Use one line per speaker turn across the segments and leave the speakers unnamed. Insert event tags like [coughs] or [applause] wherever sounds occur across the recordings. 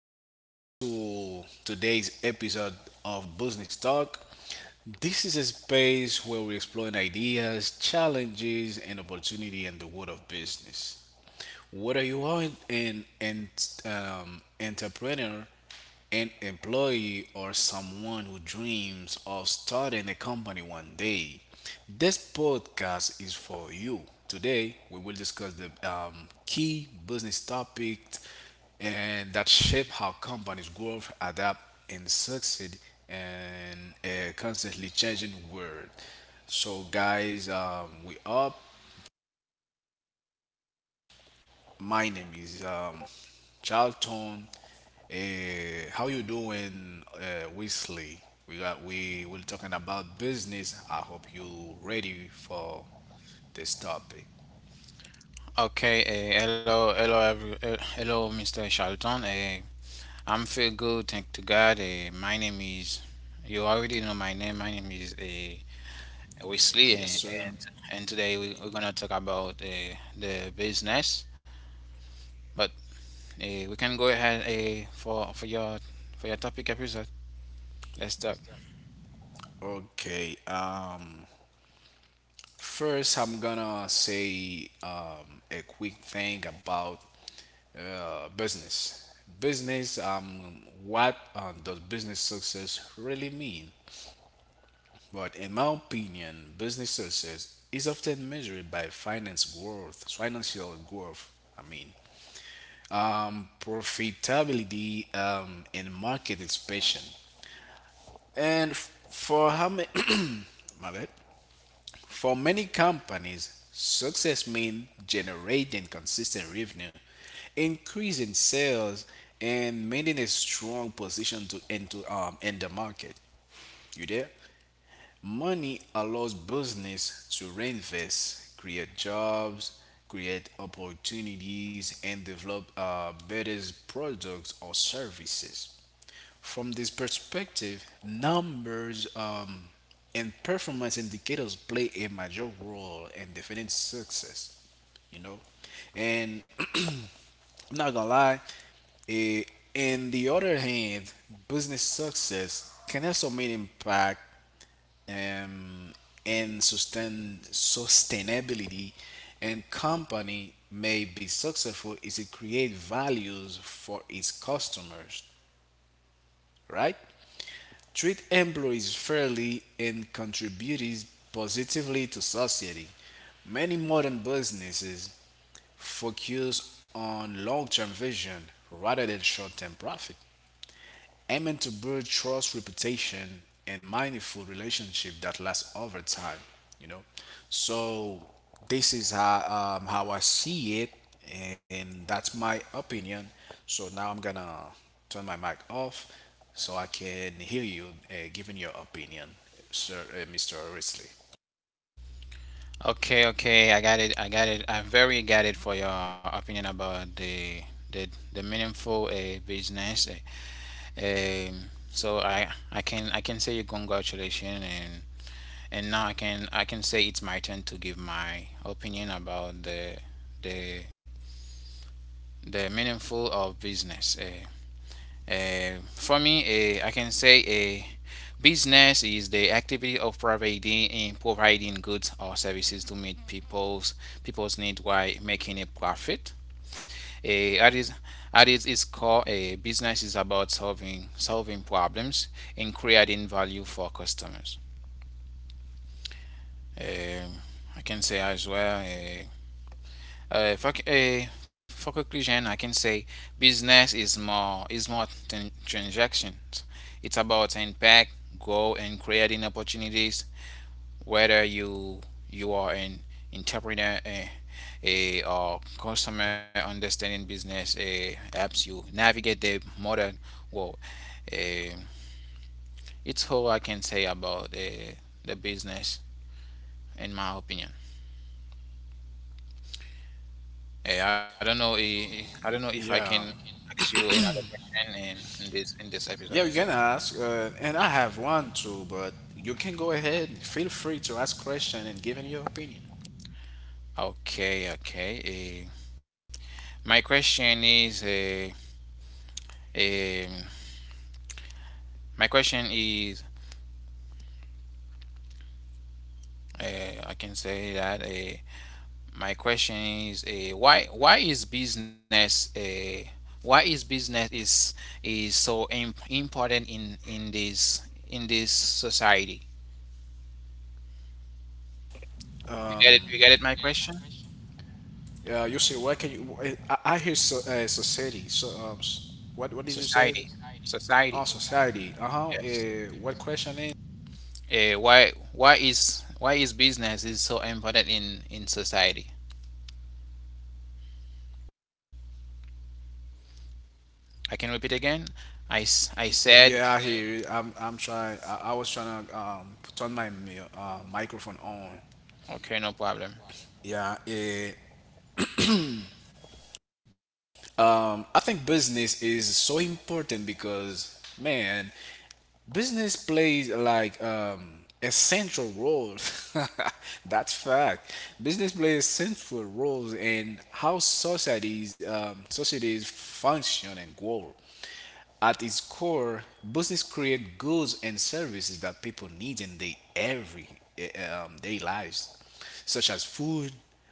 everybody to today's episode of Business Talk. This is a space where we explore ideas, challenges, and opportunity in the world of business. Whether you are an entrepreneur, an employee, or someone who dreams of starting a company one day. This podcast is for you. Today, we will discuss the key business topics and that shape how companies grow, adapt, and succeed in a constantly changing world. So, guys, we up. My name is Charlton. How you doing, Wesley? We will talking about business. I hope you ready for this topic.
Okay, hello, Mr. Charlton. I'm feel good, thank to God. You already know my name. My name is Wesley,
Yes, sir.
and and today we're gonna talk about the business. But we can go ahead for your topic episode. Let's talk.
Okay. First, I'm gonna say a quick thing about business. Business. What does business success really mean? But in my opinion, business success is often measured by finance growth, financial growth, I mean, profitability, and market expansion. And for how many, [coughs] [clears throat] my bad, for many companies, success means generating consistent revenue, increasing sales, and maintaining a strong position to into in the market. You there? Money allows business to reinvest, create jobs, create opportunities, and develop better products or services. From this perspective, numbers, and performance indicators play a major role in defining success, you know. And [clears throat] I'm not gonna lie, eh, in the other hand, business success can also mean impact, um, in sustainability and company may be successful is it create values for its customers, right, treat employees fairly and contribute positively to society. Many modern businesses focus on long-term vision rather than short-term profit, aiming to build trust, reputation, and mindful relationship that lasts over time. You know, so this is how I see it, and that's my opinion. So now I'm gonna turn my mic off so I can hear you giving your opinion, sir, Mr. Risley.
Okay, okay, I got it. I got it. I very got it for your opinion about the the meaningful business. Eh. So I can say you congratulations and now I can say it's my turn to give my opinion about the the meaningful of business. For me, I can say a business is the activity of providing goods or services to meet people's need while making a profit. A at its, core, a business is about solving problems and creating value for customers. Um, I can say as well. For conclusion, I can say business is more than transactions. It's about impact, growth, and creating opportunities whether you are an entrepreneur, a or customer understanding business a helps you navigate the modern world. Uh, it's all I can say about the business, in my opinion. I don't know. I don't know if I can
Yeah.
ask you another question in this
Yeah,
episode.
you can ask, and I have one too, but you can go ahead. Feel free to ask question and giving your opinion.
Okay, okay. My question is, um my question is, I can say that. My question is why is business is so important in this society? You get it?
Um,
You get it? My question?
uh, you say why can you? I hear so, society. So what did you
Society,
say? Oh,
society.
society. Uh huh.
Yes.
What question is?
Why is business is so important in society? I can repeat again. I said.
Yeah, I yeah, hear you. I'm trying. I was trying to put on my microphone on.
Okay, no problem.
Yeah. Uh, I think business is so important because man, business plays like a central role. [laughs] That's fact. Business plays central roles in how societies function and grow. At its core, business create goods and services that people need in their every day lives, such as food,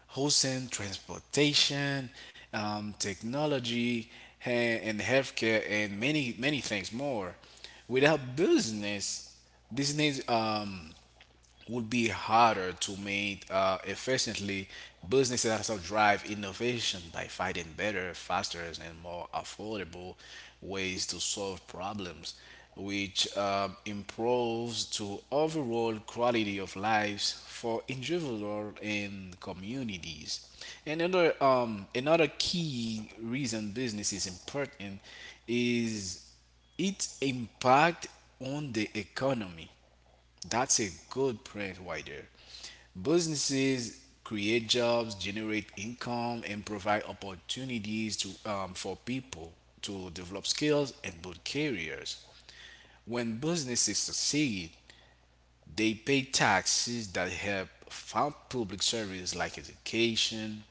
housing, transportation, technology, and healthcare, and many many things more. Without business, business would be harder to meet efficiently. Businesses also drive innovation by finding better, faster, and more affordable ways to solve problems, which improves to overall quality of lives for individual and communities. Another key reason business is important is its impact on the economy. That's a good print right there. Businesses create jobs, generate income, and provide opportunities to for people to develop skills and build careers. When businesses succeed, they pay taxes that help fund public services like education,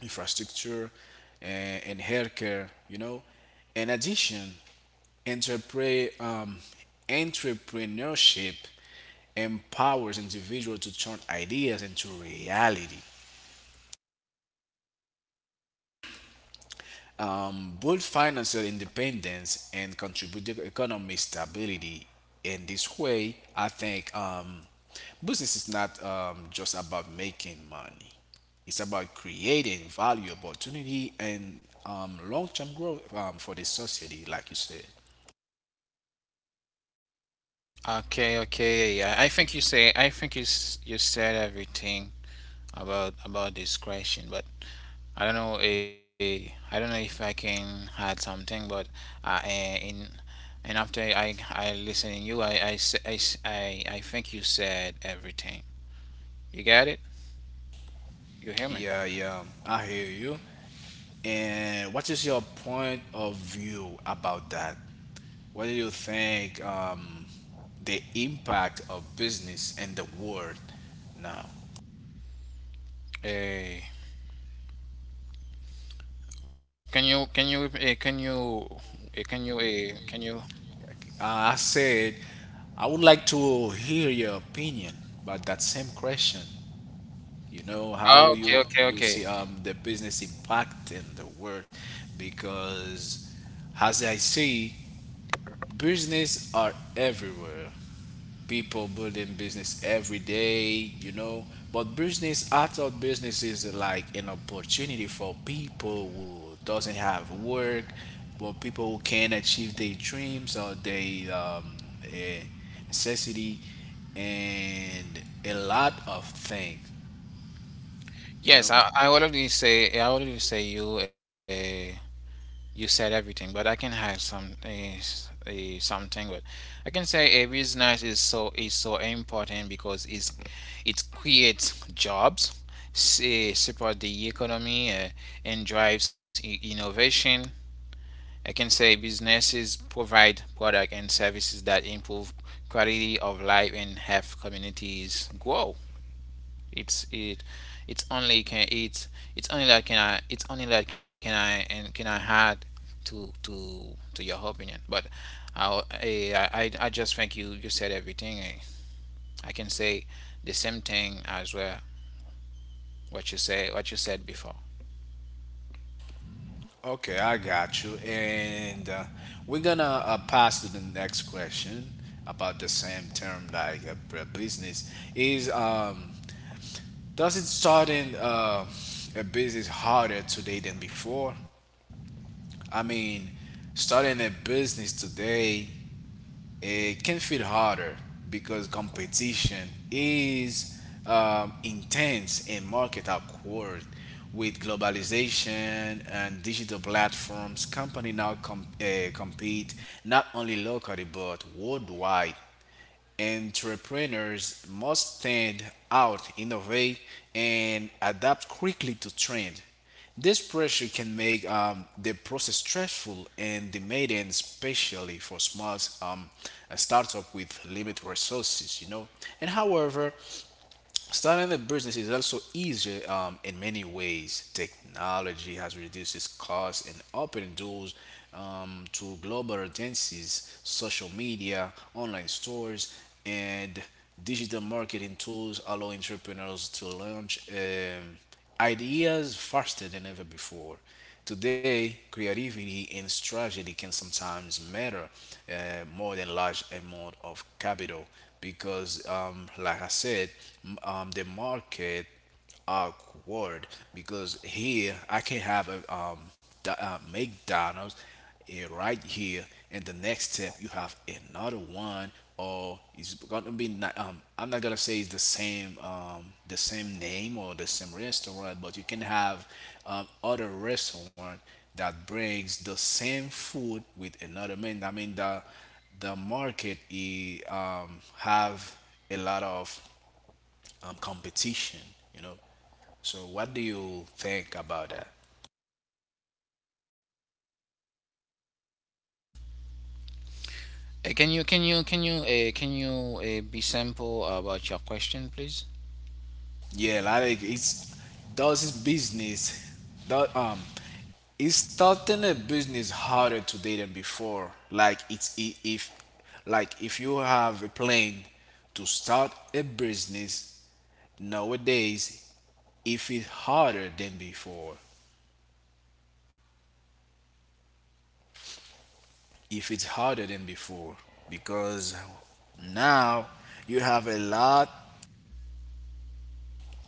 infrastructure, and healthcare. You know, in addition, Entrepre- um, entrepreneurship empowers individuals to turn ideas into reality, build financial independence, and contribute to economic stability. In this way, I think business is not just about making money. It's about creating value, opportunity, and long-term growth for the society, like you said.
Okay, okay. I think you said everything about this question, but I don't know. I don't know if I can add something, but eh, in and after I listening you, I think you said everything. You got it? You hear me?
Yeah, yeah, I hear you. And what is your point of view about that? What do you think the impact of business in the world now?
Eh, can you can you uh, can you uh, can you?
I said I would like to hear your opinion about that same question. You know
Oh,
how
okay,
you
okay, okay.
see the business impact in the world, because as I see, business are everywhere. People building business every day, you know. But business, I thought business is like an opportunity for people who doesn't have work, but people who can't achieve their dreams or their eh, necessity, and a lot of things, you know.
Yes, I already say you. You said everything, but I can have some something. But I can say a business is so important because it creates jobs, support the economy, and drives innovation. I can say businesses provide products and services that improve quality of life and help communities grow. It's it. It's only can it's only that can I it's only that can I and can I add to your opinion. But just think you said everything. Eh. I can say the same thing as well. What you said before.
Okay, I got you. And we're gonna pass to the next question about the same term, like business is does it starting a business harder today than before? I mean, starting a business today it can feel harder because competition is intense and market are quoted with globalization and digital platforms. Company now compete not only locally but worldwide. Entrepreneurs must stand out, innovate, and adapt quickly to trend. This pressure can make the process stressful and demanding, especially for small, startup with limited resources. You know, and however, starting a business is also easier in many ways. Technology has reduced its costs and opened doors to global audiences, social media, online stores, and digital marketing tools allow entrepreneurs to launch ideas faster than ever before. Today, creativity and strategy can sometimes matter more than large amount of capital because, like I said, the market awkward, because here I can have a McDonald's, eh, right here, and the next step you have another one, or it's gonna be not, I'm not gonna say it's the same, the same name or the same restaurant, but you can have other restaurant that brings the same food with another man. I mean the market is have a lot of competition, you know. So what do you think about that?
Can you be simple about your question, please?
Yeah, like it's does his business does is starting a business harder today than before? Like it's if like if you have a plan to start a business nowadays, if it's harder than before, if it's harder than before, because now you have a lot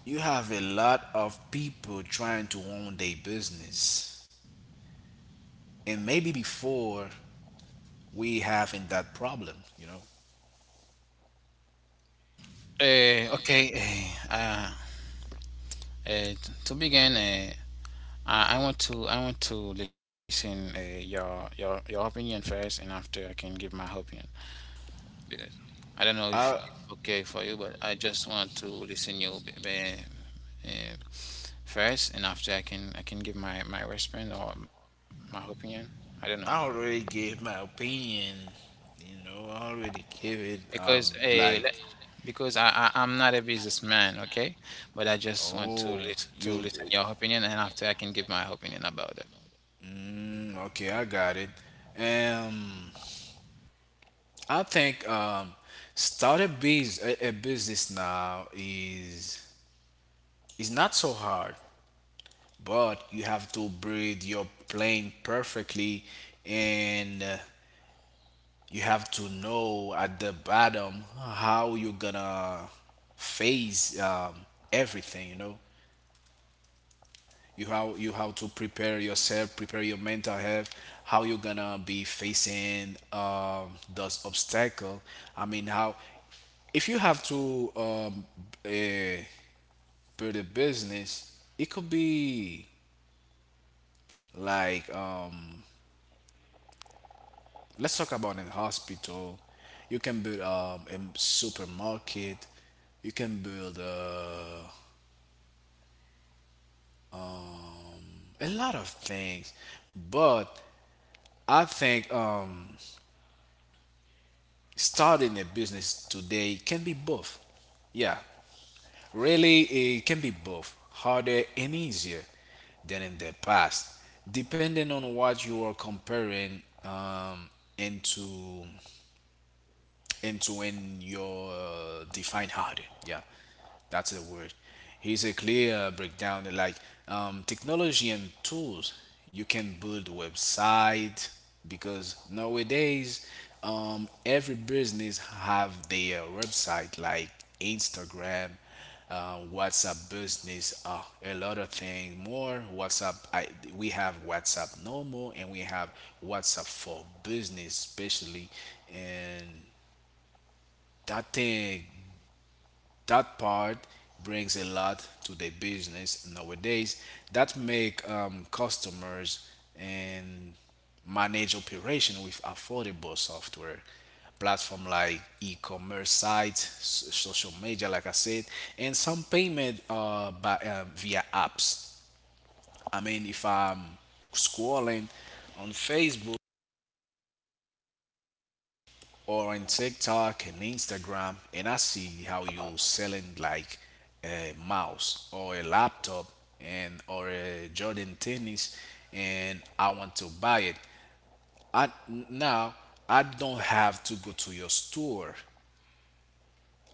you have a lot of people trying to own their business and maybe before we having that problem, you know.
Okay. Uh, uh, uh, to begin, I want to listen your opinion first, and after I can give my opinion because I don't know if
i
it's okay for you, but I just want to listen uh, first, and after I can give my response or my opinion. I don't know
I already gave my opinion, you know, I already gave it.
because
Because like
because
because I,
I'm
I
not a
I'm not a
businessman,
businessman,
okay,
okay? But
but
I
I
just
just
want
want to
oh
listen
to you listen to
your
your
opinion, and
opinion,
after
and
I can
after
give
I can
my
give my
opinion
opinion
about it.
about it. Mm, okay, I got it. um I think start a biz a business now is not so hard, but you have to breathe your plane perfectly, and you have to know at the bottom how you're gonna face everything. You know, you how to prepare yourself, prepare your mental health, how you're gonna be facing those obstacle. I mean, how if you have to uh, build a business, it could be like let's talk about in hospital, you can build a supermarket, you can build a lot of things. But I think starting a business today can be both, yeah, really, it can be both harder and easier than in the past, depending on what you are comparing into into when you're defined hard. Yeah, that's the word. Here's a clear breakdown like technology and tools. You can build website because nowadays every business have their website like Instagram, WhatsApp business, a lot of things more. We have WhatsApp normal and we have WhatsApp for business, especially, and that thing that part brings a lot to the business nowadays, that make customers and manage operation with affordable software platform like e-commerce sites, social media like I said, and some payment by via apps. I mean if I'm scrolling on Facebook or on TikTok and Instagram, and I see how you're selling like a mouse or a laptop and or a Jordan tennis, and I want to buy it. I now I don't have to go to your store.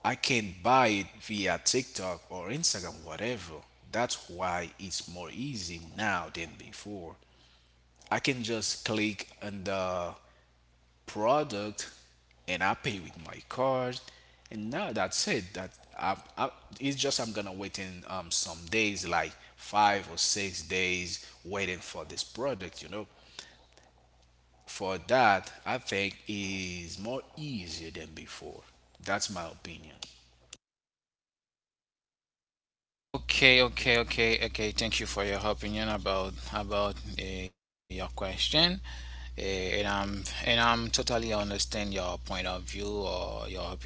I can buy it via TikTok or Instagram, whatever. That's why it's more easy now than before. I can just click on the product and I pay with my card. And now that's it. I, I, it's just I'm gonna wait in some days, like 5 or 6 days, waiting for this product. You know, for that I think is more easier than before. That's my opinion.
Okay, okay, okay, okay. Thank you for your opinion about your question, and I'm totally understand your point of view or your opinion. But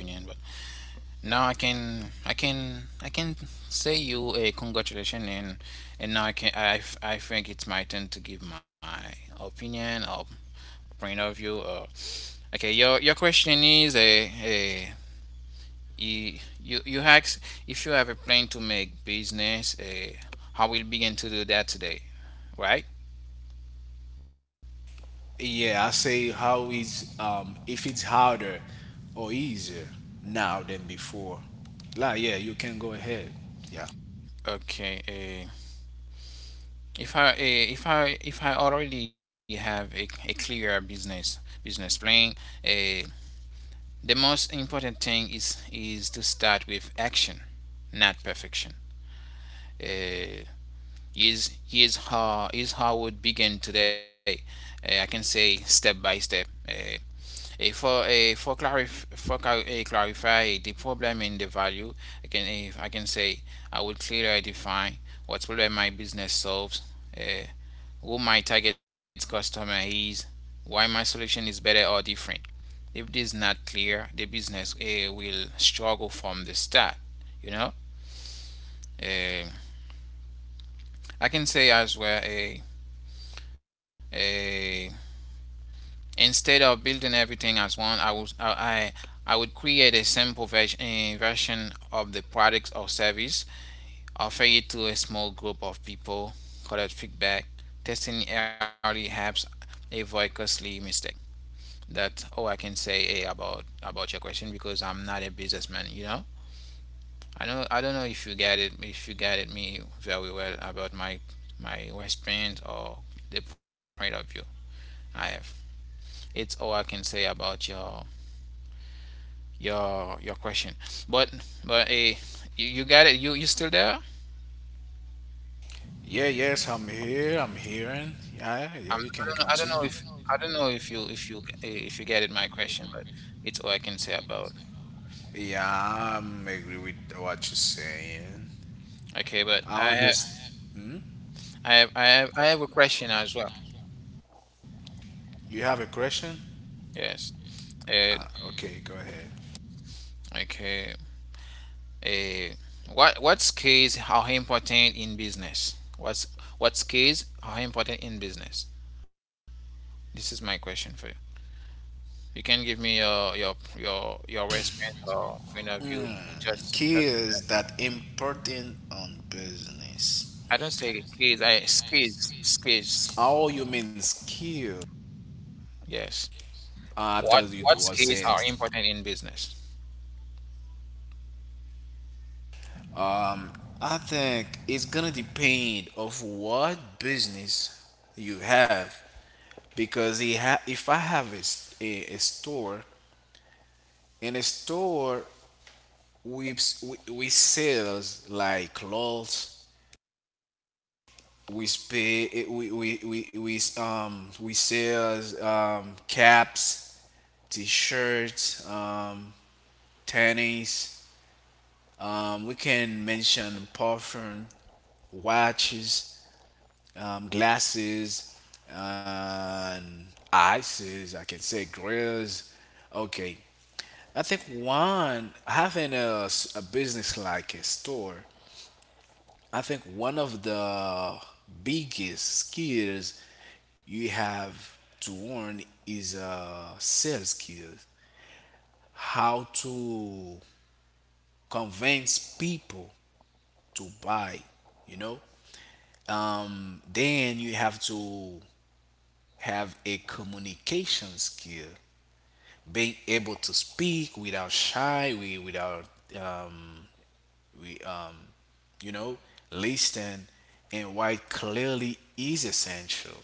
now I can say you a congratulation and now I can I f- I think it's my turn to give my opinion or point of view. Or okay, your question is a you ask if you have a plan to make business, I will begin to do that today, right?
Yeah, I say how is if it's harder or easier now than before. Like yeah, you can go ahead. Yeah.
Okay, if I already have a clear business plan. uh, the most important thing is to start with action, not perfection. Uh, is is how is how I would begin today. I can say step by step. Uh, a for Clarify the problem and the value. I can say I will clearly define what problem my business solves, eh, who my target customer is, why my solution is better or different. If this is not clear, the business will struggle from the start. You know, Eh, I can say as well. A uh, uh, Instead of building everything as one, I would create a simple version, a version of the product or service, offer it to a small group of people, collect feedback, testing early helps avoid costly mistake. That's all I can say about your question because I'm not a businessman. You know, I don't know if you get it me very well about my experience or the point of view I have. It's all I can say about your question. But but eh, you got it. You still there?
Yeah, yes, I'm here. I'm hearing. Yeah, yeah,
I'm,
you
I
can
don't know.
continue.
I don't know if you get it my question, but it's all I can say about.
Yeah, I'm agree with what you're saying.
Okay, but
I understand. Hmm?
I have a question as well.
You have a question?
Yes. Uh,
Ah, okay, go ahead.
okay. Uh, what skills are important in business? What skills are important in business? This is my question for you. You can give me your restaurant or point of view.
Mm,
Just
skills that important on business.
I don't say keys. I skills skills.
Oh, you mean skill?
Yes.
I
What
thought you
what
was
skills
saying.
are important in business?
Um, I think it's gonna depend of what business you have, because if I have a, a store, in a store we sells like clothes, we pay we sells caps, t-shirts, tennis, we can mention perfume, watches, glasses and ices. I can say grills. Okay, I think one having a, a business like a store. I think one of the biggest skills you have to learn is sales skills. How to convince people to buy you know then you have to have a communication skill, being able to speak without shy, we without um, we you know listen, and why clearly is essential.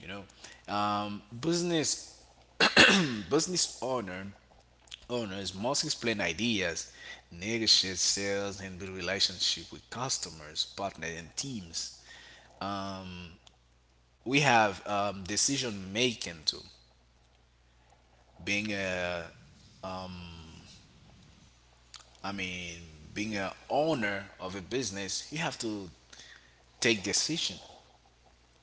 Business business owner owners must explain ideas, negotiate sales, and build relationship with customers, partners, and teams. Um, we have decision making too. Being a, I mean, Being a owner of a business, you have to take decision.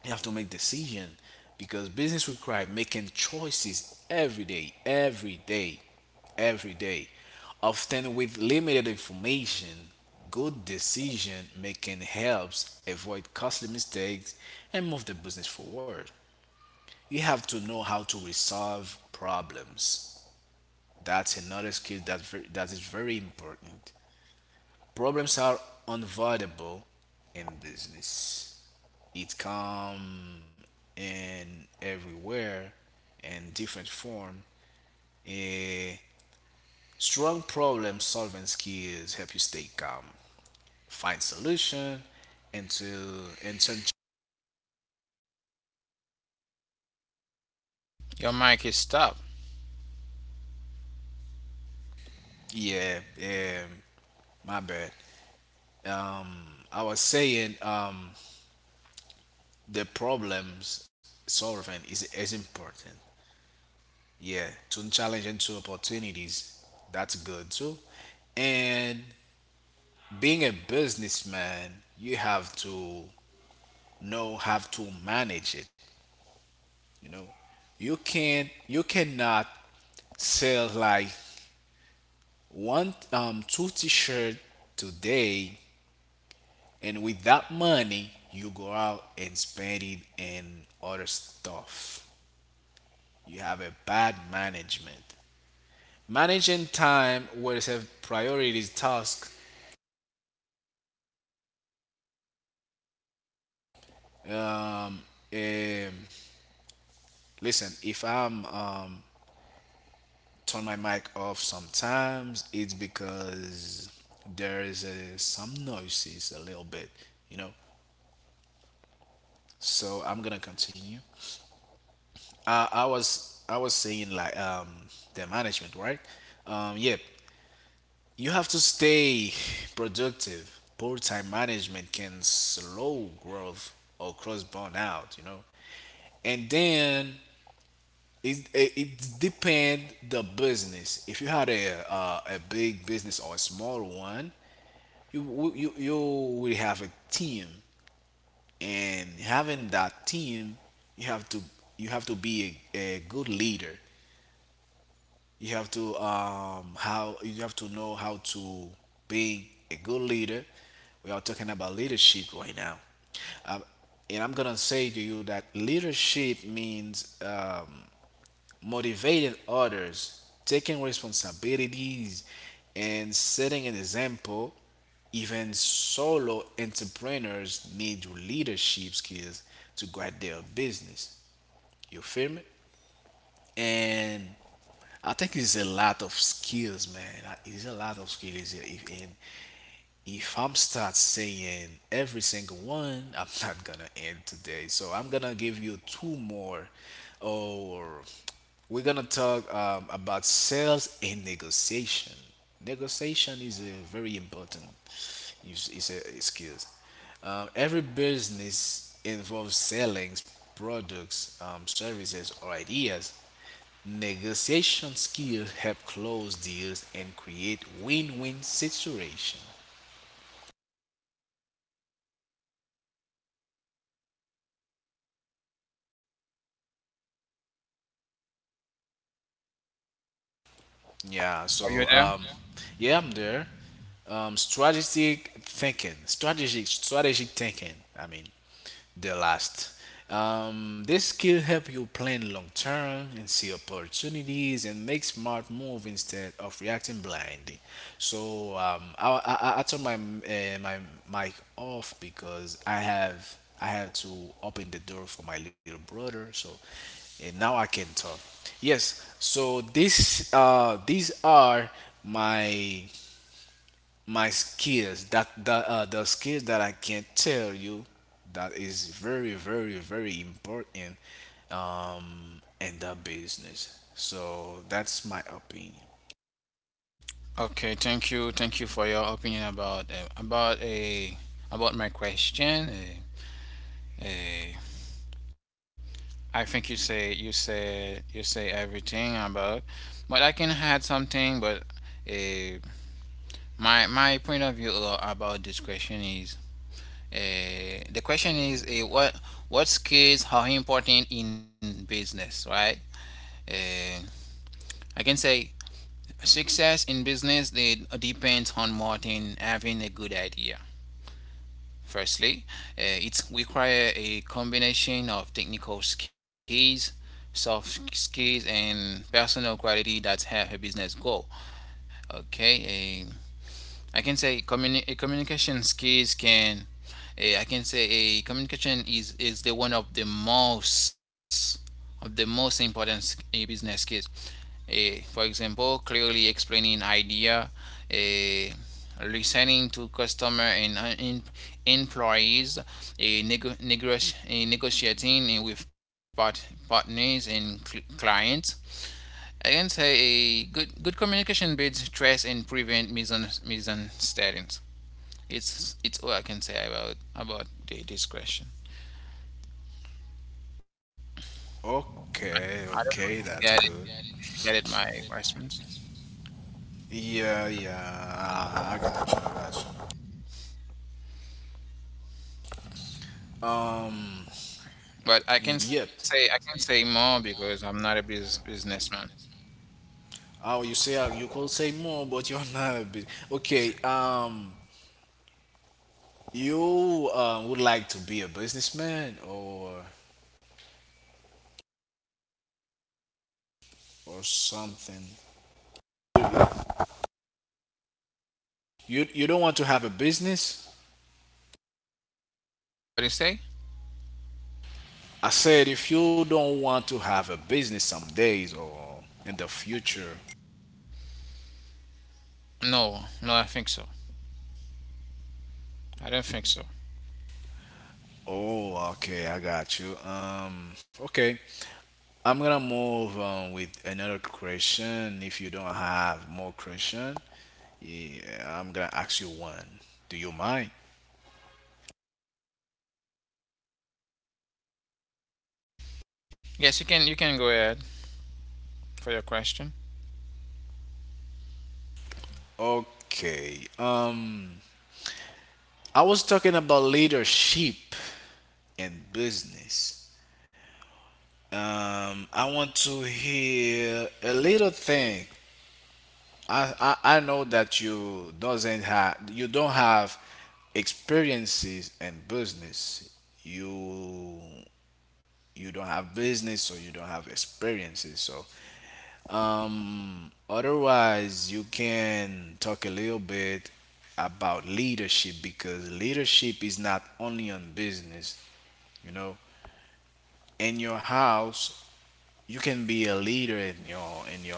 You have to make decision because business require making choices every day, every day, every day. Often with limited information, good decision making helps avoid costly mistakes and move the business forward. You have to know how to resolve problems. That's another skill that that is very important. Problems are unavoidable in business. It come in everywhere in different form. A strong problem solving skills help you stay calm, find solution, and to and turn.
Your mic is stopped.
Yeah, my bad. Um, I was saying the problems solving is important. Yeah, to challenge into opportunities, that's good too. And being a businessman, you have to know how to manage it you know you cannot sell like one two t-shirt today, and with that money you go out and spend it in other stuff. You have a bad management, managing time will have priorities task. um, um Listen, if I'm turn my mic off sometimes, it's because there is some noises a little bit, you know. So I'm gonna continue. I was saying like the management, right? Yeah, you have to stay productive. Poor time management can slow growth or cause burnout, you know. And then it depend the business. If you had a big business or a small one, you will have a team, and having that team, you have to you have to be a good leader. You have to know how to be a good leader. We are talking about leadership right now, um, and I'm gonna say to you that leadership means, motivating others, taking responsibilities, and setting an example. Even solo entrepreneurs need your leadership skills to guide their business. You feel me? And I think it's a lot of skills, man. Like, it's a lot of skills. If I'm start saying every single one, [laughs] I'm not gonna end today. So I'm gonna give you two more, or we're gonna talk about sales and negotiation. Negotiation is a very important, is a skill. Every business involves selling products, services, or ideas. Negotiation skills help close deals and create win-win situation. Yeah.
Are you
So
there?
yeah. Yeah, I'm there. Strategic thinking, strategic thinking, I mean, the last. This skill help you plan long term and see opportunities and make smart move instead of reacting blindly. So I turned my my mic off because I had to open the door for my little brother. So and now I can talk. Yes. So this these are my my skills that the skills that I can tell you that is very very very important in the business. So that's my opinion.
Okay. Thank you. Thank you for your opinion about a about my question. Eh, I think you say everything about, but I can add something. But uh, My my point of view about this question is, what skills are important in business, right? Uh, I can say success in business they depends on more than having a good idea. Firstly, it requires a combination of technical skills, soft skills, and personal quality that help a business grow. Okay. I can say communi- a communication skills can, I can say a communication is the one of the most important business skills. For example, clearly explaining idea, eh, listening to customer and employees, negotiating with partners and clients. I can say a good communication builds trust and prevent misunderstandings. It's all I can say about this question. I, I don't
Okay,
know if you
okay,
get it.
that's good.
If you get it, my response.
Yeah, yeah, I got you, I got you.
But
Yep.
I can say more because I'm not a businessman.
Oh, you say you could say more, but [laughs] you're not a bit. Okay. You would like to be a businessman or something? You don't want to have a business?
What do you say?
I said if you don't want to have a business some days or in the future.
No, no, I think so. I don't think so.
Oh, okay, I got you. Okay. I'm gonna move on with another question. If you don't have more question, yeah, I'm gonna ask you one. Do you mind?
Yes, you can go ahead for your question.
Okay. I was talking about leadership and business. I want to hear a little thing. I know that you doesn't have you don't have experiences in business. You you don't have business, so you don't have experiences. So otherwise, you can talk a little bit about leadership because leadership is not only on business, you know. In your house you can be a leader, in your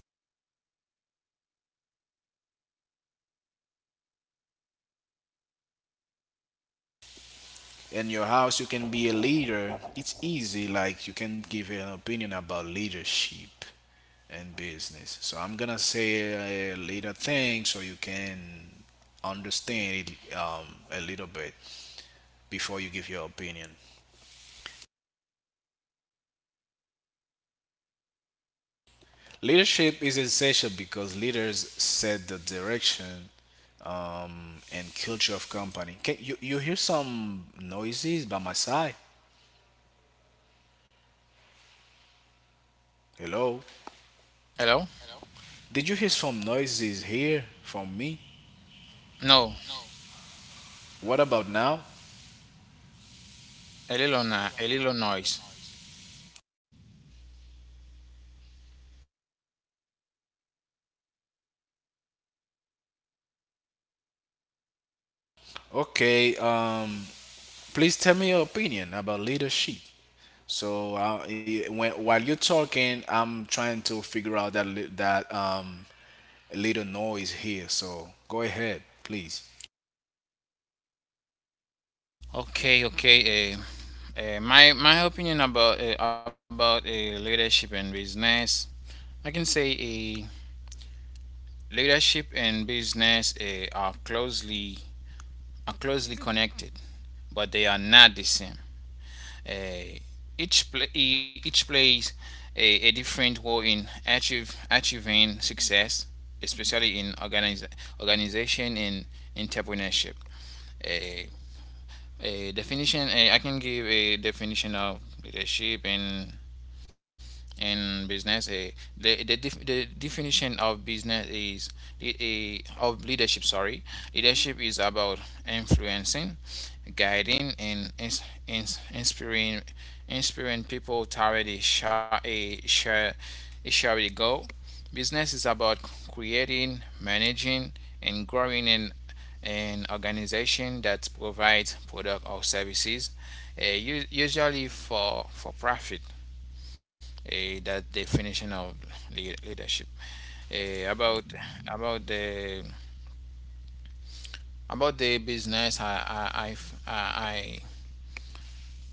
in your house you can be a leader, it's easy. Like, you can give an opinion about leadership and business. So I'm gonna say a little thing so you can understand it, a little bit, before you give your opinion. Leadership is essential because leaders set the direction, and culture of company. Can you, you hear some noises by my side? Hello?
Hello?
Did you hear some noises here from me?
No,
What about now?
a little noise.
Okay, please tell me your opinion about leadership. So, when while you're talking, I'm trying to figure out that little noise here. So, go ahead, please.
Okay, okay. My opinion about leadership and business, I can say leadership and business are closely connected, but they are not the same. Eh, each each plays a different role in achieving success, especially in organization and entrepreneurship. A, a definition. I can give a definition of leadership and in business. The definition of business is a of leadership, sorry, leadership is about influencing, guiding, and ins- inspiring inspiring people toward a shared goal. Business is about creating, managing, and growing an organization that provides product or services, usually for profit. That definition of leadership. Eh, about about the about the business, I, I,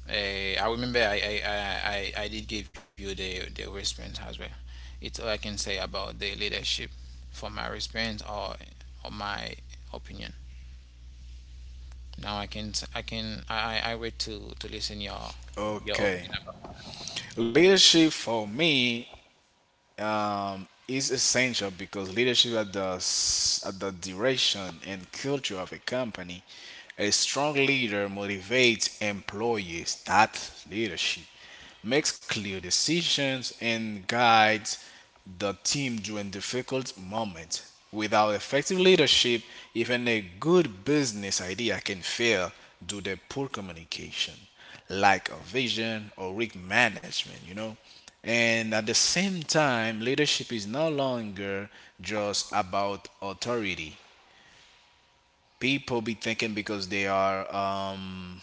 I remember I did give you the response as well. It's all I can say about the leadership from my response or my opinion. Now I can I can I wait to listen your
Okay,
opinion about.
leadership for me is essential because leadership at the at the direction and culture of a company. A strong leader motivates employees. That leadership makes clear decisions, and guides the team during difficult moments. Without effective leadership, even a good business idea can fail due to poor communication, lack of vision, or weak management, you know. And at the same time, leadership is no longer just about authority. People be thinking because they are um,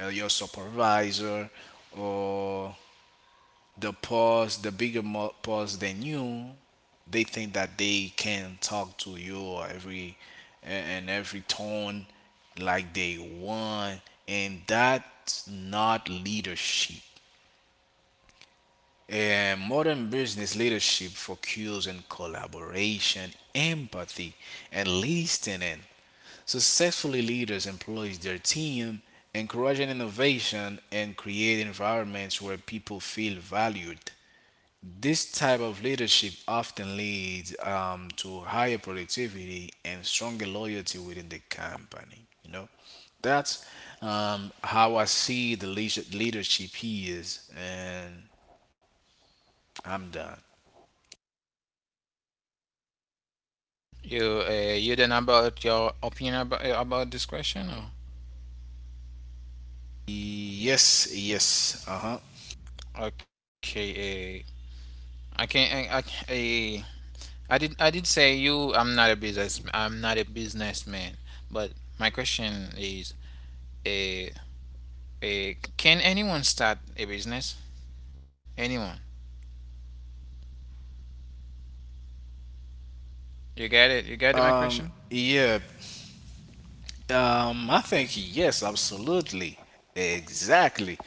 uh, your supervisor or the pause, the bigger pause than you, they think that they can talk to you or every and every tone like they want, and that's not leadership. And modern business leadership focuses on collaboration, empathy, and listening. Successfully leaders employs their team, encouraging innovation and create environments where people feel valued. This type of leadership often leads to higher productivity and stronger loyalty within the company. You know, that's how I see the leadership, here is, and I'm done.
You then about your opinion about this question or?
Yes, yes, uh
Okay. eh, I can't. I, I did. I did say you. I'm not a businessman. But my question is, a, can anyone start a business? Anyone? You get it? You get it? My
huh.
question?
Yeah, I think yes, absolutely, exactly,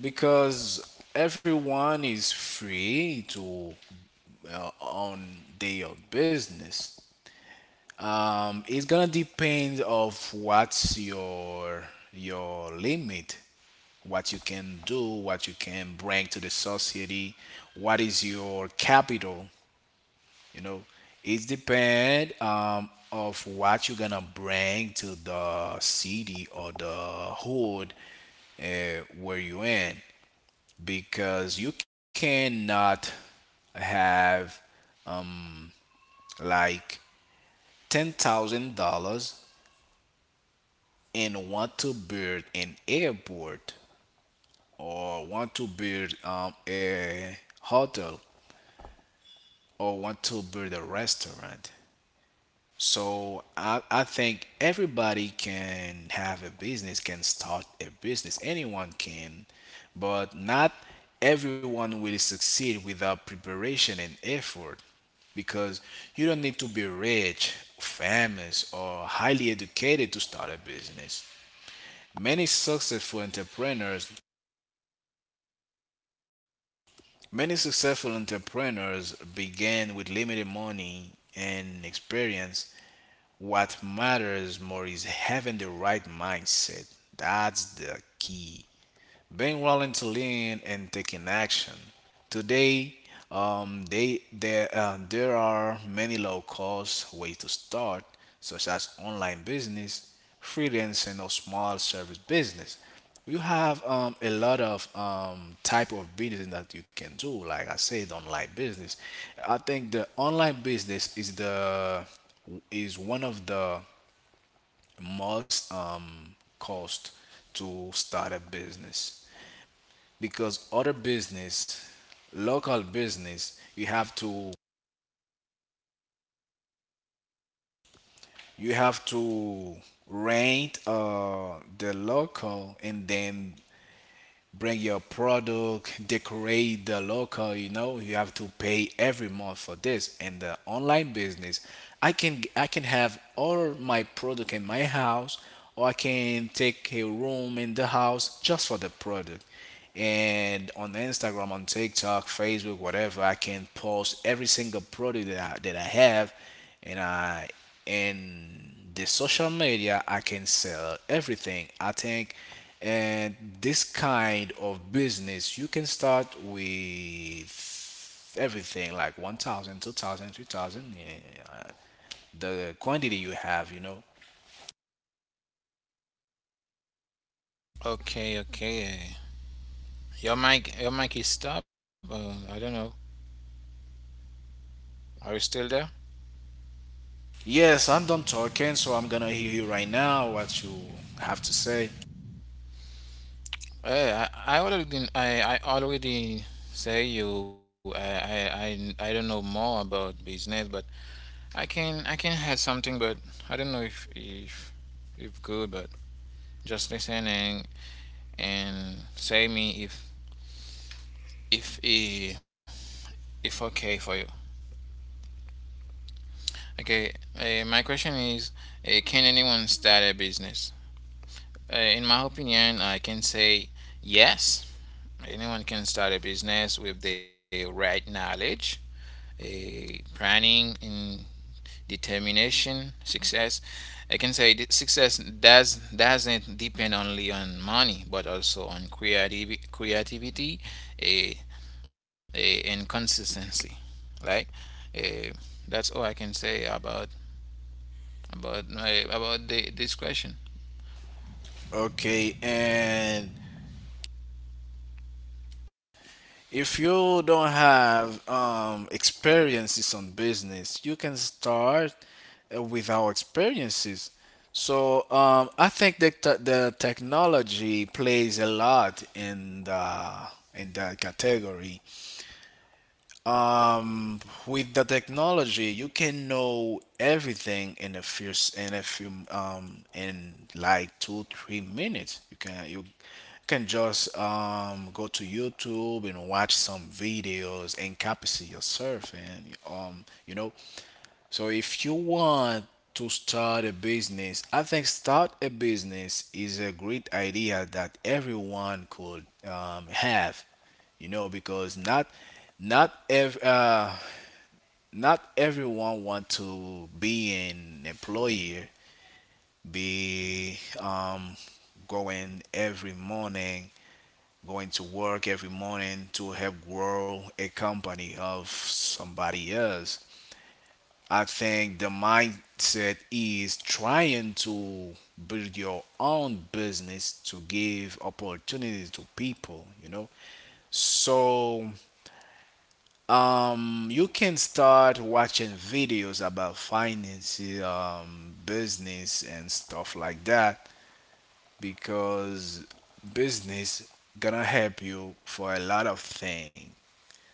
because everyone is free to own their business. It's gonna depend of what's your limit, what you can do, what you can bring to the society, what is your capital. You know, it depend of what you're gonna bring to the city or the hood where you in, because you cannot have um like $10,000 and want to build an airport or want to build a hotel or want to build a restaurant. So I think everybody can have a business, can start a business. Anyone can, but not everyone will succeed without preparation and effort, because you don't need to be rich, famous, or highly educated to start a business. Many successful entrepreneurs Many successful entrepreneurs began with limited money and experience. What matters more is having the right mindset. That's the key, being willing to learn and taking action. Today, there are many low-cost ways to start, such as online business, freelancing, or small service business. You have a lot of type of business that you can do. Like I said, online business. I think the online business is the is one of the most cost to start a business, because other business, local business, you have to rent the local, and then bring your product, decorate the local, you know, you have to pay every month for this. In the online business, I can have all my product in my house, or I can take a room in the house just for the product. And on Instagram, on TikTok, Facebook, whatever, I can post every single product that that I have, and I and the social media I can sell everything, I think. And this kind of business you can start with everything like 1,000, 2,000, 3,000. Yeah, the quantity you have, you know.
Okay. Okay. Eh. Your mic. Your mic is stopped. I don't know. Are you still there?
Yes, I'm done talking, so I'm gonna hear you right now what you have to say.
Hey, I already say you. I don't know more about business, but I can. I can have something, but I don't know if if good, but just listening and say me if if okay for you. Okay, my question is, can anyone start a business? In my opinion, I can say yes. Anyone can start a business with the right knowledge, planning, and determination, success. I can say that success doesn't depend only on money, but also on creativity, a, a and consistency. Right? Uh, that's all I can say about this question.
Okay, and if you don't have experiences on business, you can start with our experiences. So I think that the technology plays a lot in the in that category, um, with the technology, you can know everything in a few s- in a few in like 2 3 minutes. You can just go to YouTube and watch some videos and capacity yourself and you know. So if you want to start a business, I think start a business is a great idea that everyone could have because not ev- uh, not everyone want to be an employer, be going every morning, going to work every morning to help grow a company of somebody else. I think the mindset is trying to build your own business to give opportunities to people, you know. So you can start watching videos about finance, business, and stuff like that because business gonna help you for a lot of things.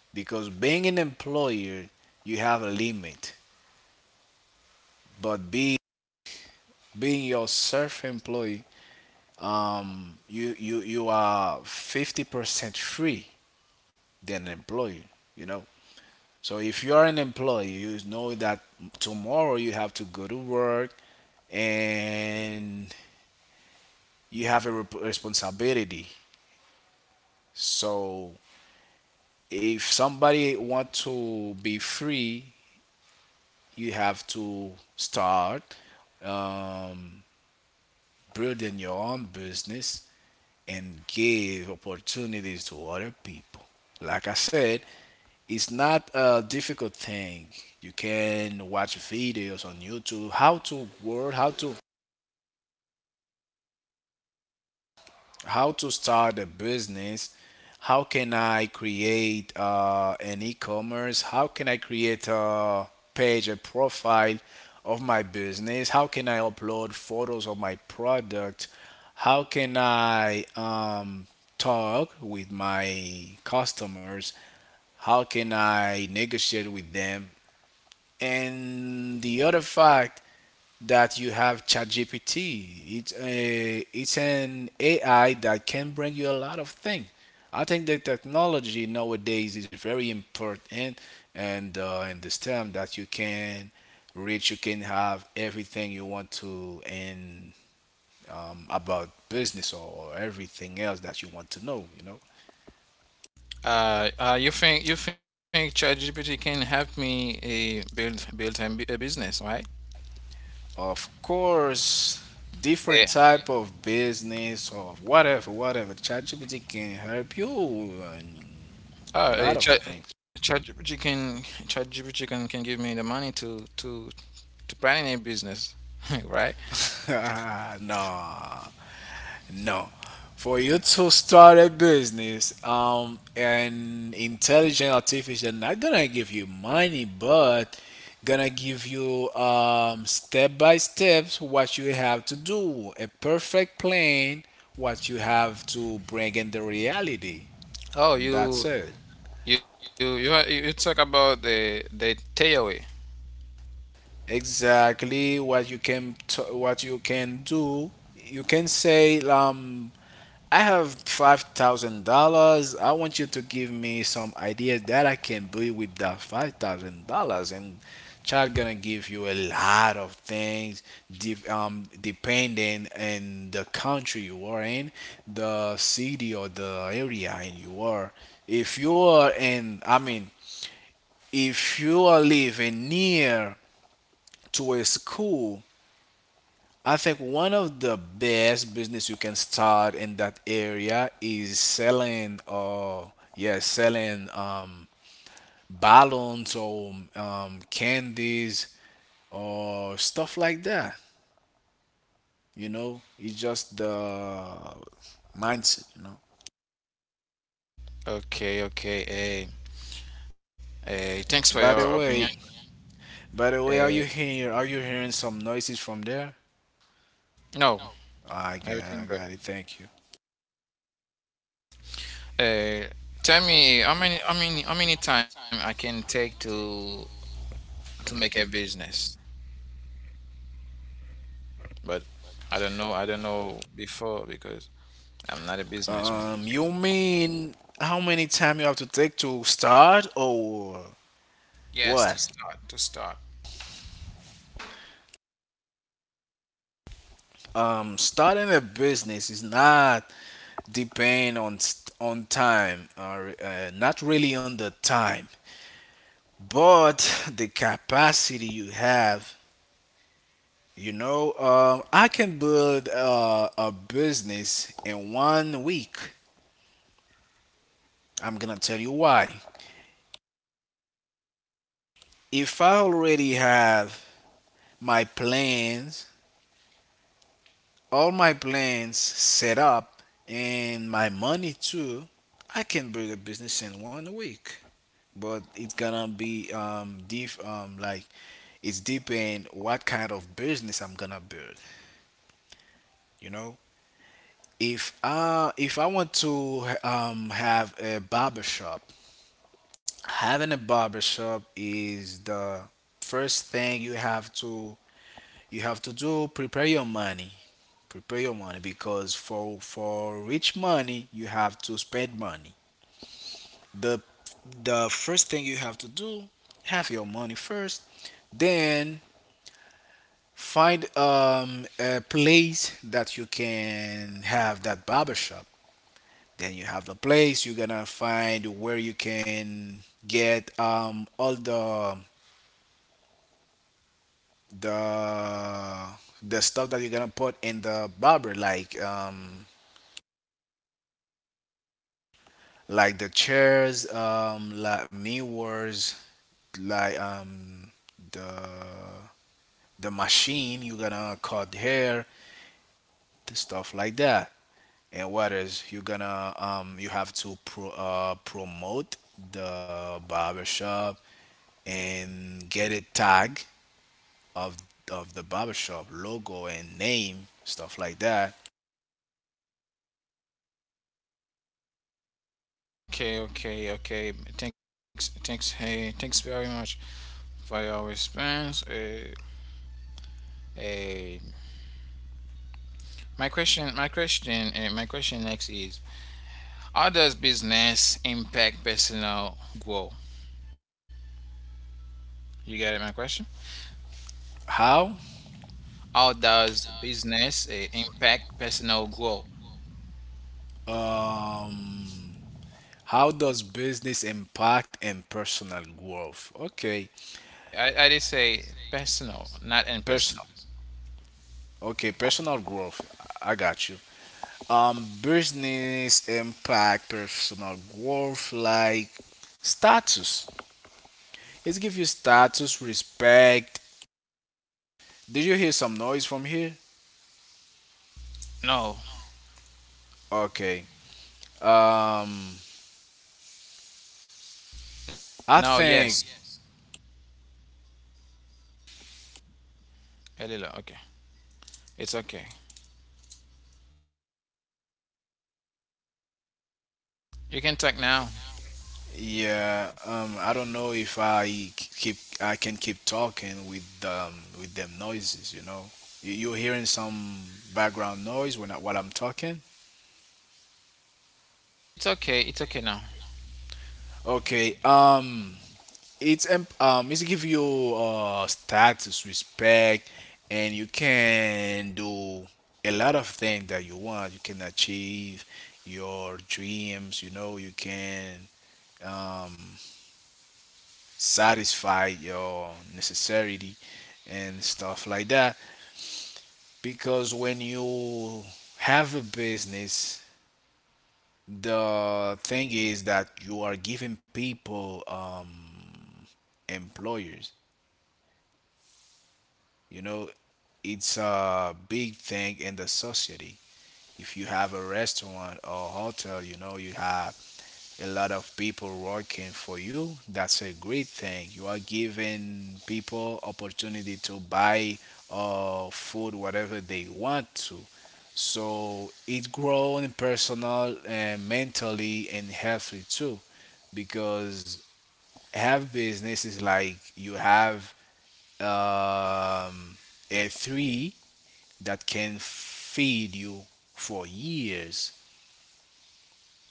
Because being an employer, you have a limit, but be being your self-employed, you are 50% free than an employee. You know, so if you are an employee, you know that tomorrow you have to go to work and you have a responsibility. So if somebody want to be free, you have to start um, building your own business and give opportunities to other people. Like I said, it's not a difficult thing. You can watch videos on YouTube how to work, how to start a business, how can I create an e-commerce, how can I create a page, a profile of my business, how can I upload photos of my product, how can I talk with my customers, how can I negotiate with them. And the other fact that you have ChatGPT. It's it's an AI that can bring you a lot of things. I think the technology nowadays is very important, and in this term that you can reach, you can have everything you want to in about business or everything else that you want to know. You know.
You think you think ChatGPT can help me build a business, right?
Of course, different
Yeah.
type of business or whatever, whatever. ChatGPT can help you and
Oh,
a lot of things.
ChatGPT can give me the money to to planning a business, [laughs] right?
[laughs] No, no. For you to start a business, an intelligent artificial not gonna give you money, but gonna give you step by steps what you have to do, a perfect plan, what you have to bring in the reality.
Oh,
That's it.
you you talk about the theory.
Exactly what you what you can do. You can say, I have $5,000. I want you to give me some ideas that I can do with that $5,000, and child gonna give you a lot of things, depending on the country you are in, the city or the area in you are. If you are in, I mean, if you are living near to a school, I think one of the best business you can start in that area is selling yeah, selling balloons or candies or stuff like that. You know, it's just the mindset, you know.
Okay, okay. Thanks for your
By the
opinion.
way, by the way,
Uh,
are you here? Are you hearing some noises from there?
no, everything
I
good.
got it. Thank you.
Uh, tell me how many how many time I can take to make a business, but I don't know before because I'm not a businessman.
You mean how many time you have to take to start or
Yes,
what?
to start.
Starting a business is not depend on time, or not really on the time, but [laughs] the capacity you have. You know, I can build a business in 1 week. I'm gonna tell you why. If I already have my plans, all my plans set up and my money too, I can build a business in 1 week. But it's gonna be diff like it's depend what kind of business I'm gonna build. You know, if I want to have a barber shop, having a barber shop is the first thing you have to, you have to do prepare your money, prepare your money because for rich money you have to spend money. the the first thing you have to do, have your money first, then find a place that you can have that barber shop. Then you have the place, you're gonna find where you can get all the the stuff that you're gonna put in the barber, like the chairs, like mirrors, like the the machine you're gonna cut hair, the stuff like that. And what you're gonna you have to promote the barbershop and get a tag of of the barbershop logo and name, stuff like that.
Okay, okay, okay. Hey, thanks very much for your response. Hey, my question next is: How does business impact personal growth? You get it, my question?
How?
How does business impact personal growth?
Um, how does business impact and personal growth? Okay,
I did say personal, not
person.
impersonal.
Okay, personal growth. I got you. Business impact personal growth like status. It gives you status, respect. Did you hear some noise from here?
No,
Okay. Um, I
no,
think
yes, a little. Okay, it's okay. You can talk now.
yeah. I don't know if I c- keep I can keep talking with them noises. You know, you, you're hearing some background noise when I, while I'm talking.
It's okay. It's okay now.
Okay. It's it's give you status, respect, and you can do a lot of things that you want. You can achieve your dreams, you know. You can um satisfy your necessity and stuff like that, because when you have a business, the thing is that you are giving people employers. You know, it's a big thing in the society. If you have a restaurant or hotel, you know, you have a lot of people working for you. That's a great thing. You are giving people opportunity to buy food, whatever they want to. So it grown personal and mentally and healthy too, because have business is like you have um, a three that can feed you for years.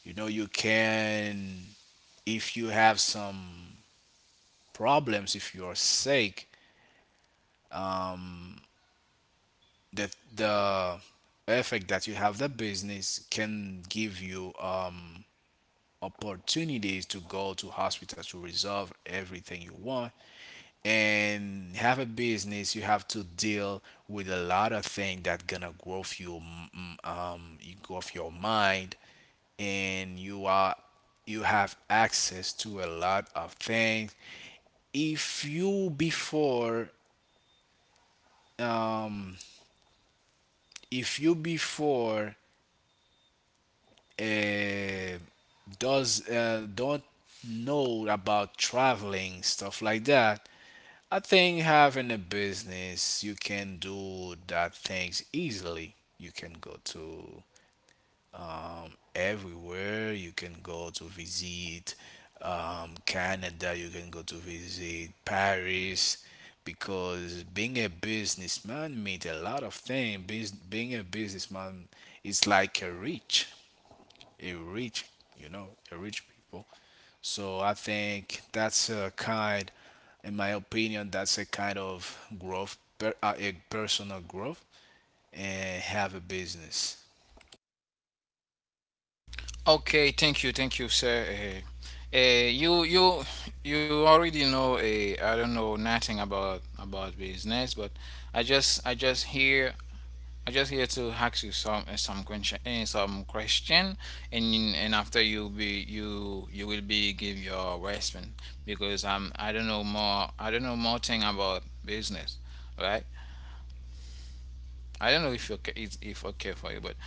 You know, you can, if you have some problems, if you're sick, that the effect that you have the business can give you opportunities to go to hospital to resolve everything you want. And have a business, you have to deal with a lot of things that gonna grow your you grow your mind, and you are, you have access to a lot of things. If you before, if you before uh, does don't know about traveling, stuff like that, I think having a business, you can do that things easily. You can go to everywhere. You can go to visit Canada. You can go to visit Paris, because being a businessman means a lot of things. Bus Being a businessman is like a rich, you know, a rich people. So I think that's a kind, in my opinion, that's a kind of growth, a personal growth, and have a business.
Okay, thank you, sir. Uh, uh, you you you already know. I don't know nothing about about business, but I just I just here I just here to ask you some some question, and and after you will be give your response because I don't know more I don't know more thing about business, right? I don't know if okay it's if okay for you, but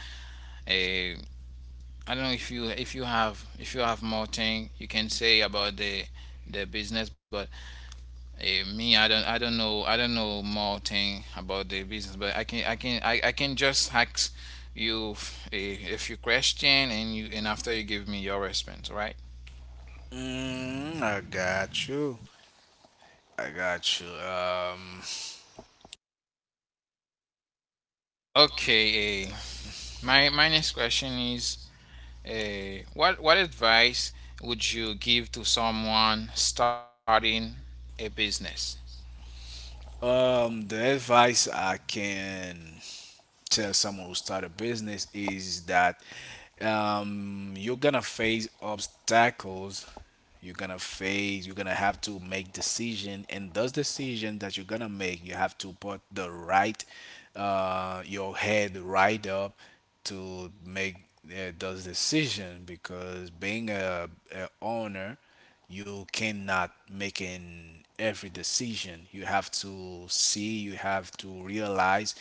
uh, I don't know if you if you have more thing you can say about the business, but me I don't I don't know more thing about the business, but I can just ask you a few question and you and after you give me your response, right?
Mm, I got you. I got you.
Okay, my my next question is, what advice would you give to someone starting a business?
The advice I can tell someone who start a business is that you're gonna face obstacles, you're gonna have to make decision, and those decisions that you're gonna make, you have to put the right your head right up to make those decision. Because being a owner, you cannot make making every decision. You have to see, you have to realize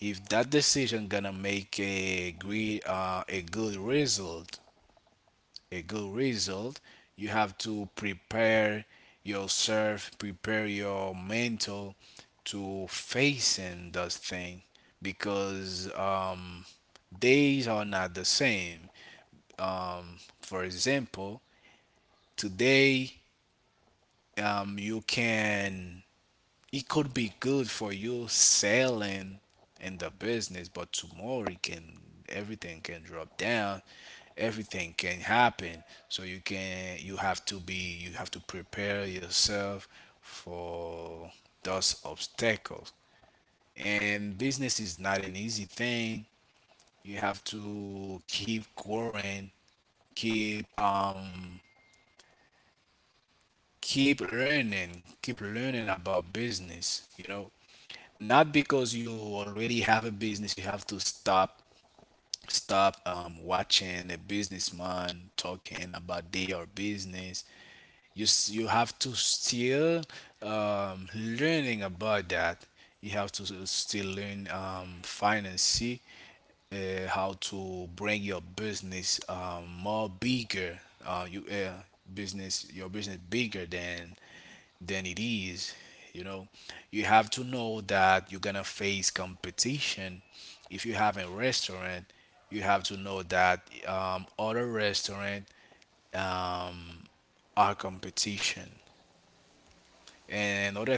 if that decision gonna make a great a good result, a good result. You have to prepare yourself, prepare your mental to facing those thing, because days are not the same. Um, for example, today you can, it could be good for you selling in the business, but tomorrow it can, everything can drop down, everything can happen. So you have to be, you have to prepare yourself for those obstacles. And business is not an easy thing. You have to keep growing, keep keep learning, keep learning about business, you know. Not because you already have a business, you have to stop stop watching a businessman talking about their business. You have to still learning about that. You have to still learn finance, how to bring your business more bigger. You business, your business bigger than it is. You know, you have to know that you're gonna face competition. If you have a restaurant, you have to know that other restaurant, um, are competition. And other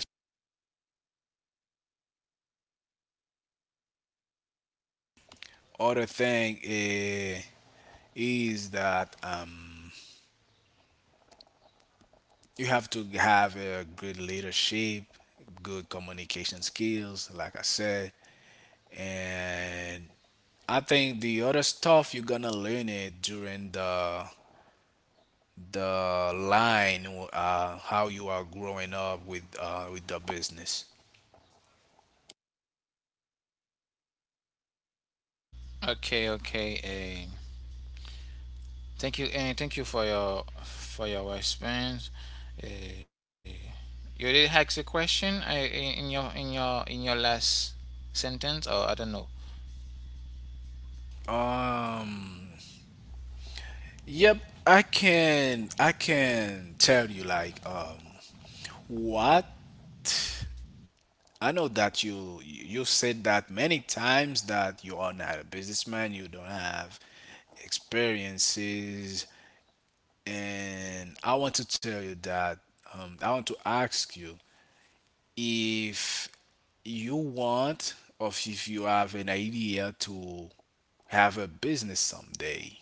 other thing is that you have to have a good leadership, good communication skills, like I said, and I think the other stuff you're gonna learn it during the line, how you are growing up with the business.
Okay, okay. Thank you, and thank you for your response. Uh, you did ask a question uh, in your last sentence, or I don't know.
um yep, I can tell you like what I know that you said that many times that you are not a businessman, you don't have experiences, and I want to tell you that I want to ask you if you want or if you have an idea to have a business someday.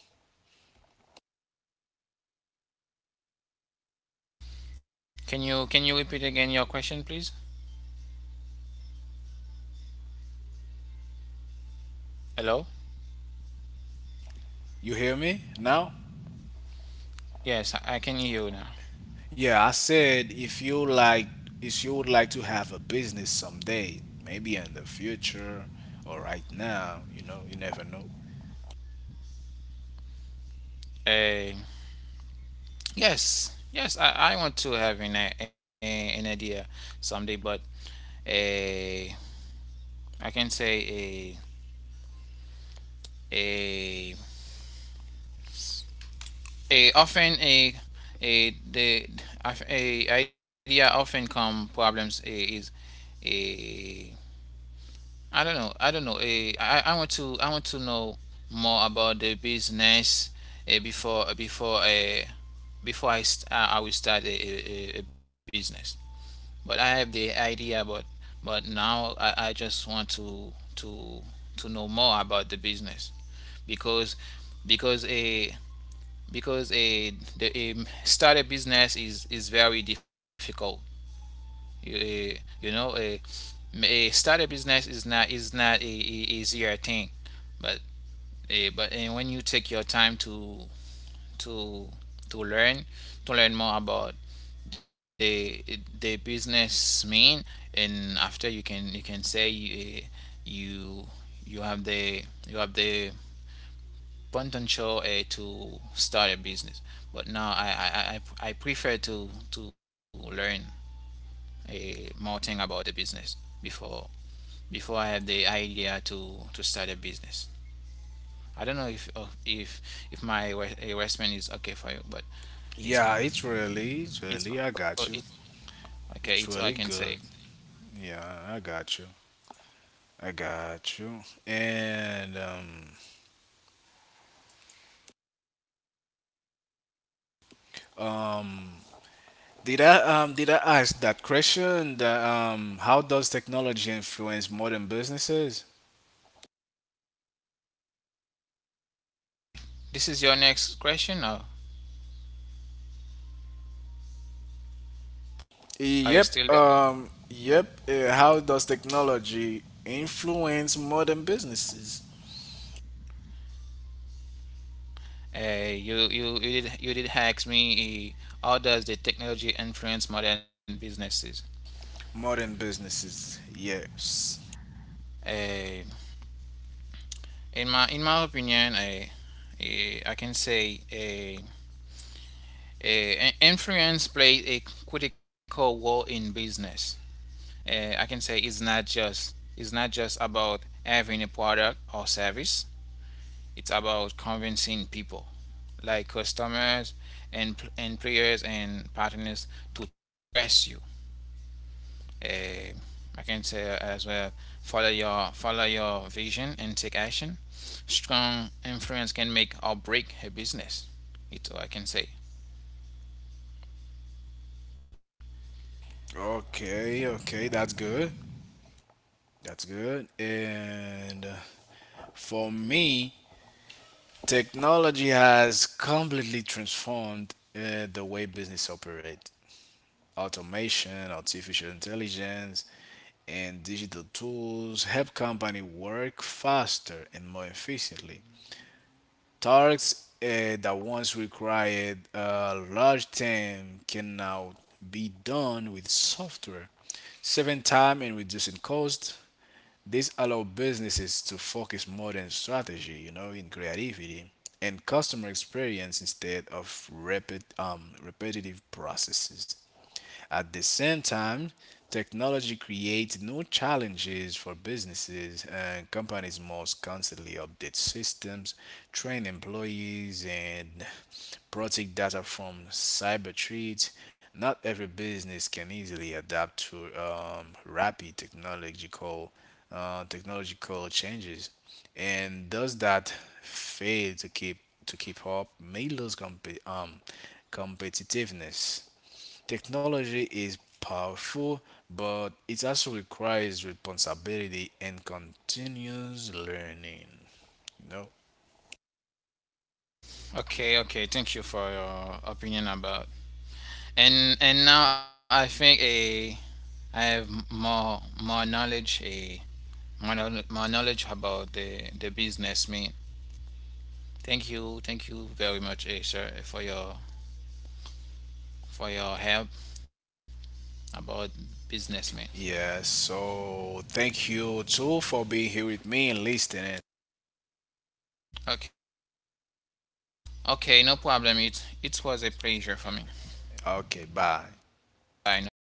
Can you repeat again your question, please? Hello.
You hear me now?
Yes, I can hear you now.
Yeah, I said if you like, if you would like to have a business someday, maybe in the future or right now, you know, you never know.
Uh, yes, yes, I want to have an idea someday, but uh, I can say a a often a the a idea often come problems is a I don't know a I want to know more about the business before before I will start a a business but I have the idea but now I just want to to know more about the business because because a because a the start a business is very difficult. You, uh, you know, a start a business is not a easier thing, but but and when you take your time to to learn to learn more about the the business mean, and after you can say you you have the potential to start a business. But now I prefer to learn a more thing about the business before before I have the idea to start a business. I don't know if if my investment is okay for you, but it's
Yeah, it's
it's
really,
all
I
it
got you.
okay. It's all I
It's
can
really
say.
good. Yeah, I got you. I got you. And um did I ask that question? That, how does technology influence modern businesses?
This is your next question. Or are you still there?
Yep, yep. How does technology influence modern businesses?
You did ask me. How does the technology influence modern businesses?
Modern businesses, yes.
Uh, in my opinion, I can say influence plays a critical role in business. I can say it's not just about having a product or service. It's about convincing people, like customers and players and partners, to trust you. Uh, I can say as well follow your vision and take action. Strong influence can make or break a business. It's all I can say.
Okay, okay, that's good. That's good. And for me, technology has completely transformed the way business operate. Automation, artificial intelligence, and digital tools help companies work faster and more efficiently. Tasks that once required a large team can now be done with software, saving time and reducing cost. This allows businesses to focus more on strategy, you know, in creativity and customer experience instead of repetitive processes. At the same time, technology creates new challenges for businesses, and companies must constantly update systems, train employees, and protect data from cyber threats. Not every business can easily adapt to rapid technological technological changes, and those that fail to keep up may lose competitiveness. Technology is powerful, but it also requires responsibility and continuous learning. You know?
Okay, okay. Thank you for your opinion about. And now I think a I have more knowledge more knowledge about the business mean. Thank you very much, eh, sir, for your help about businessman.
Yeah, so thank you too for being here with me and listening.
Okay. Okay, no problem. It was a pleasure for me.
Okay, bye.
Bye, no problem.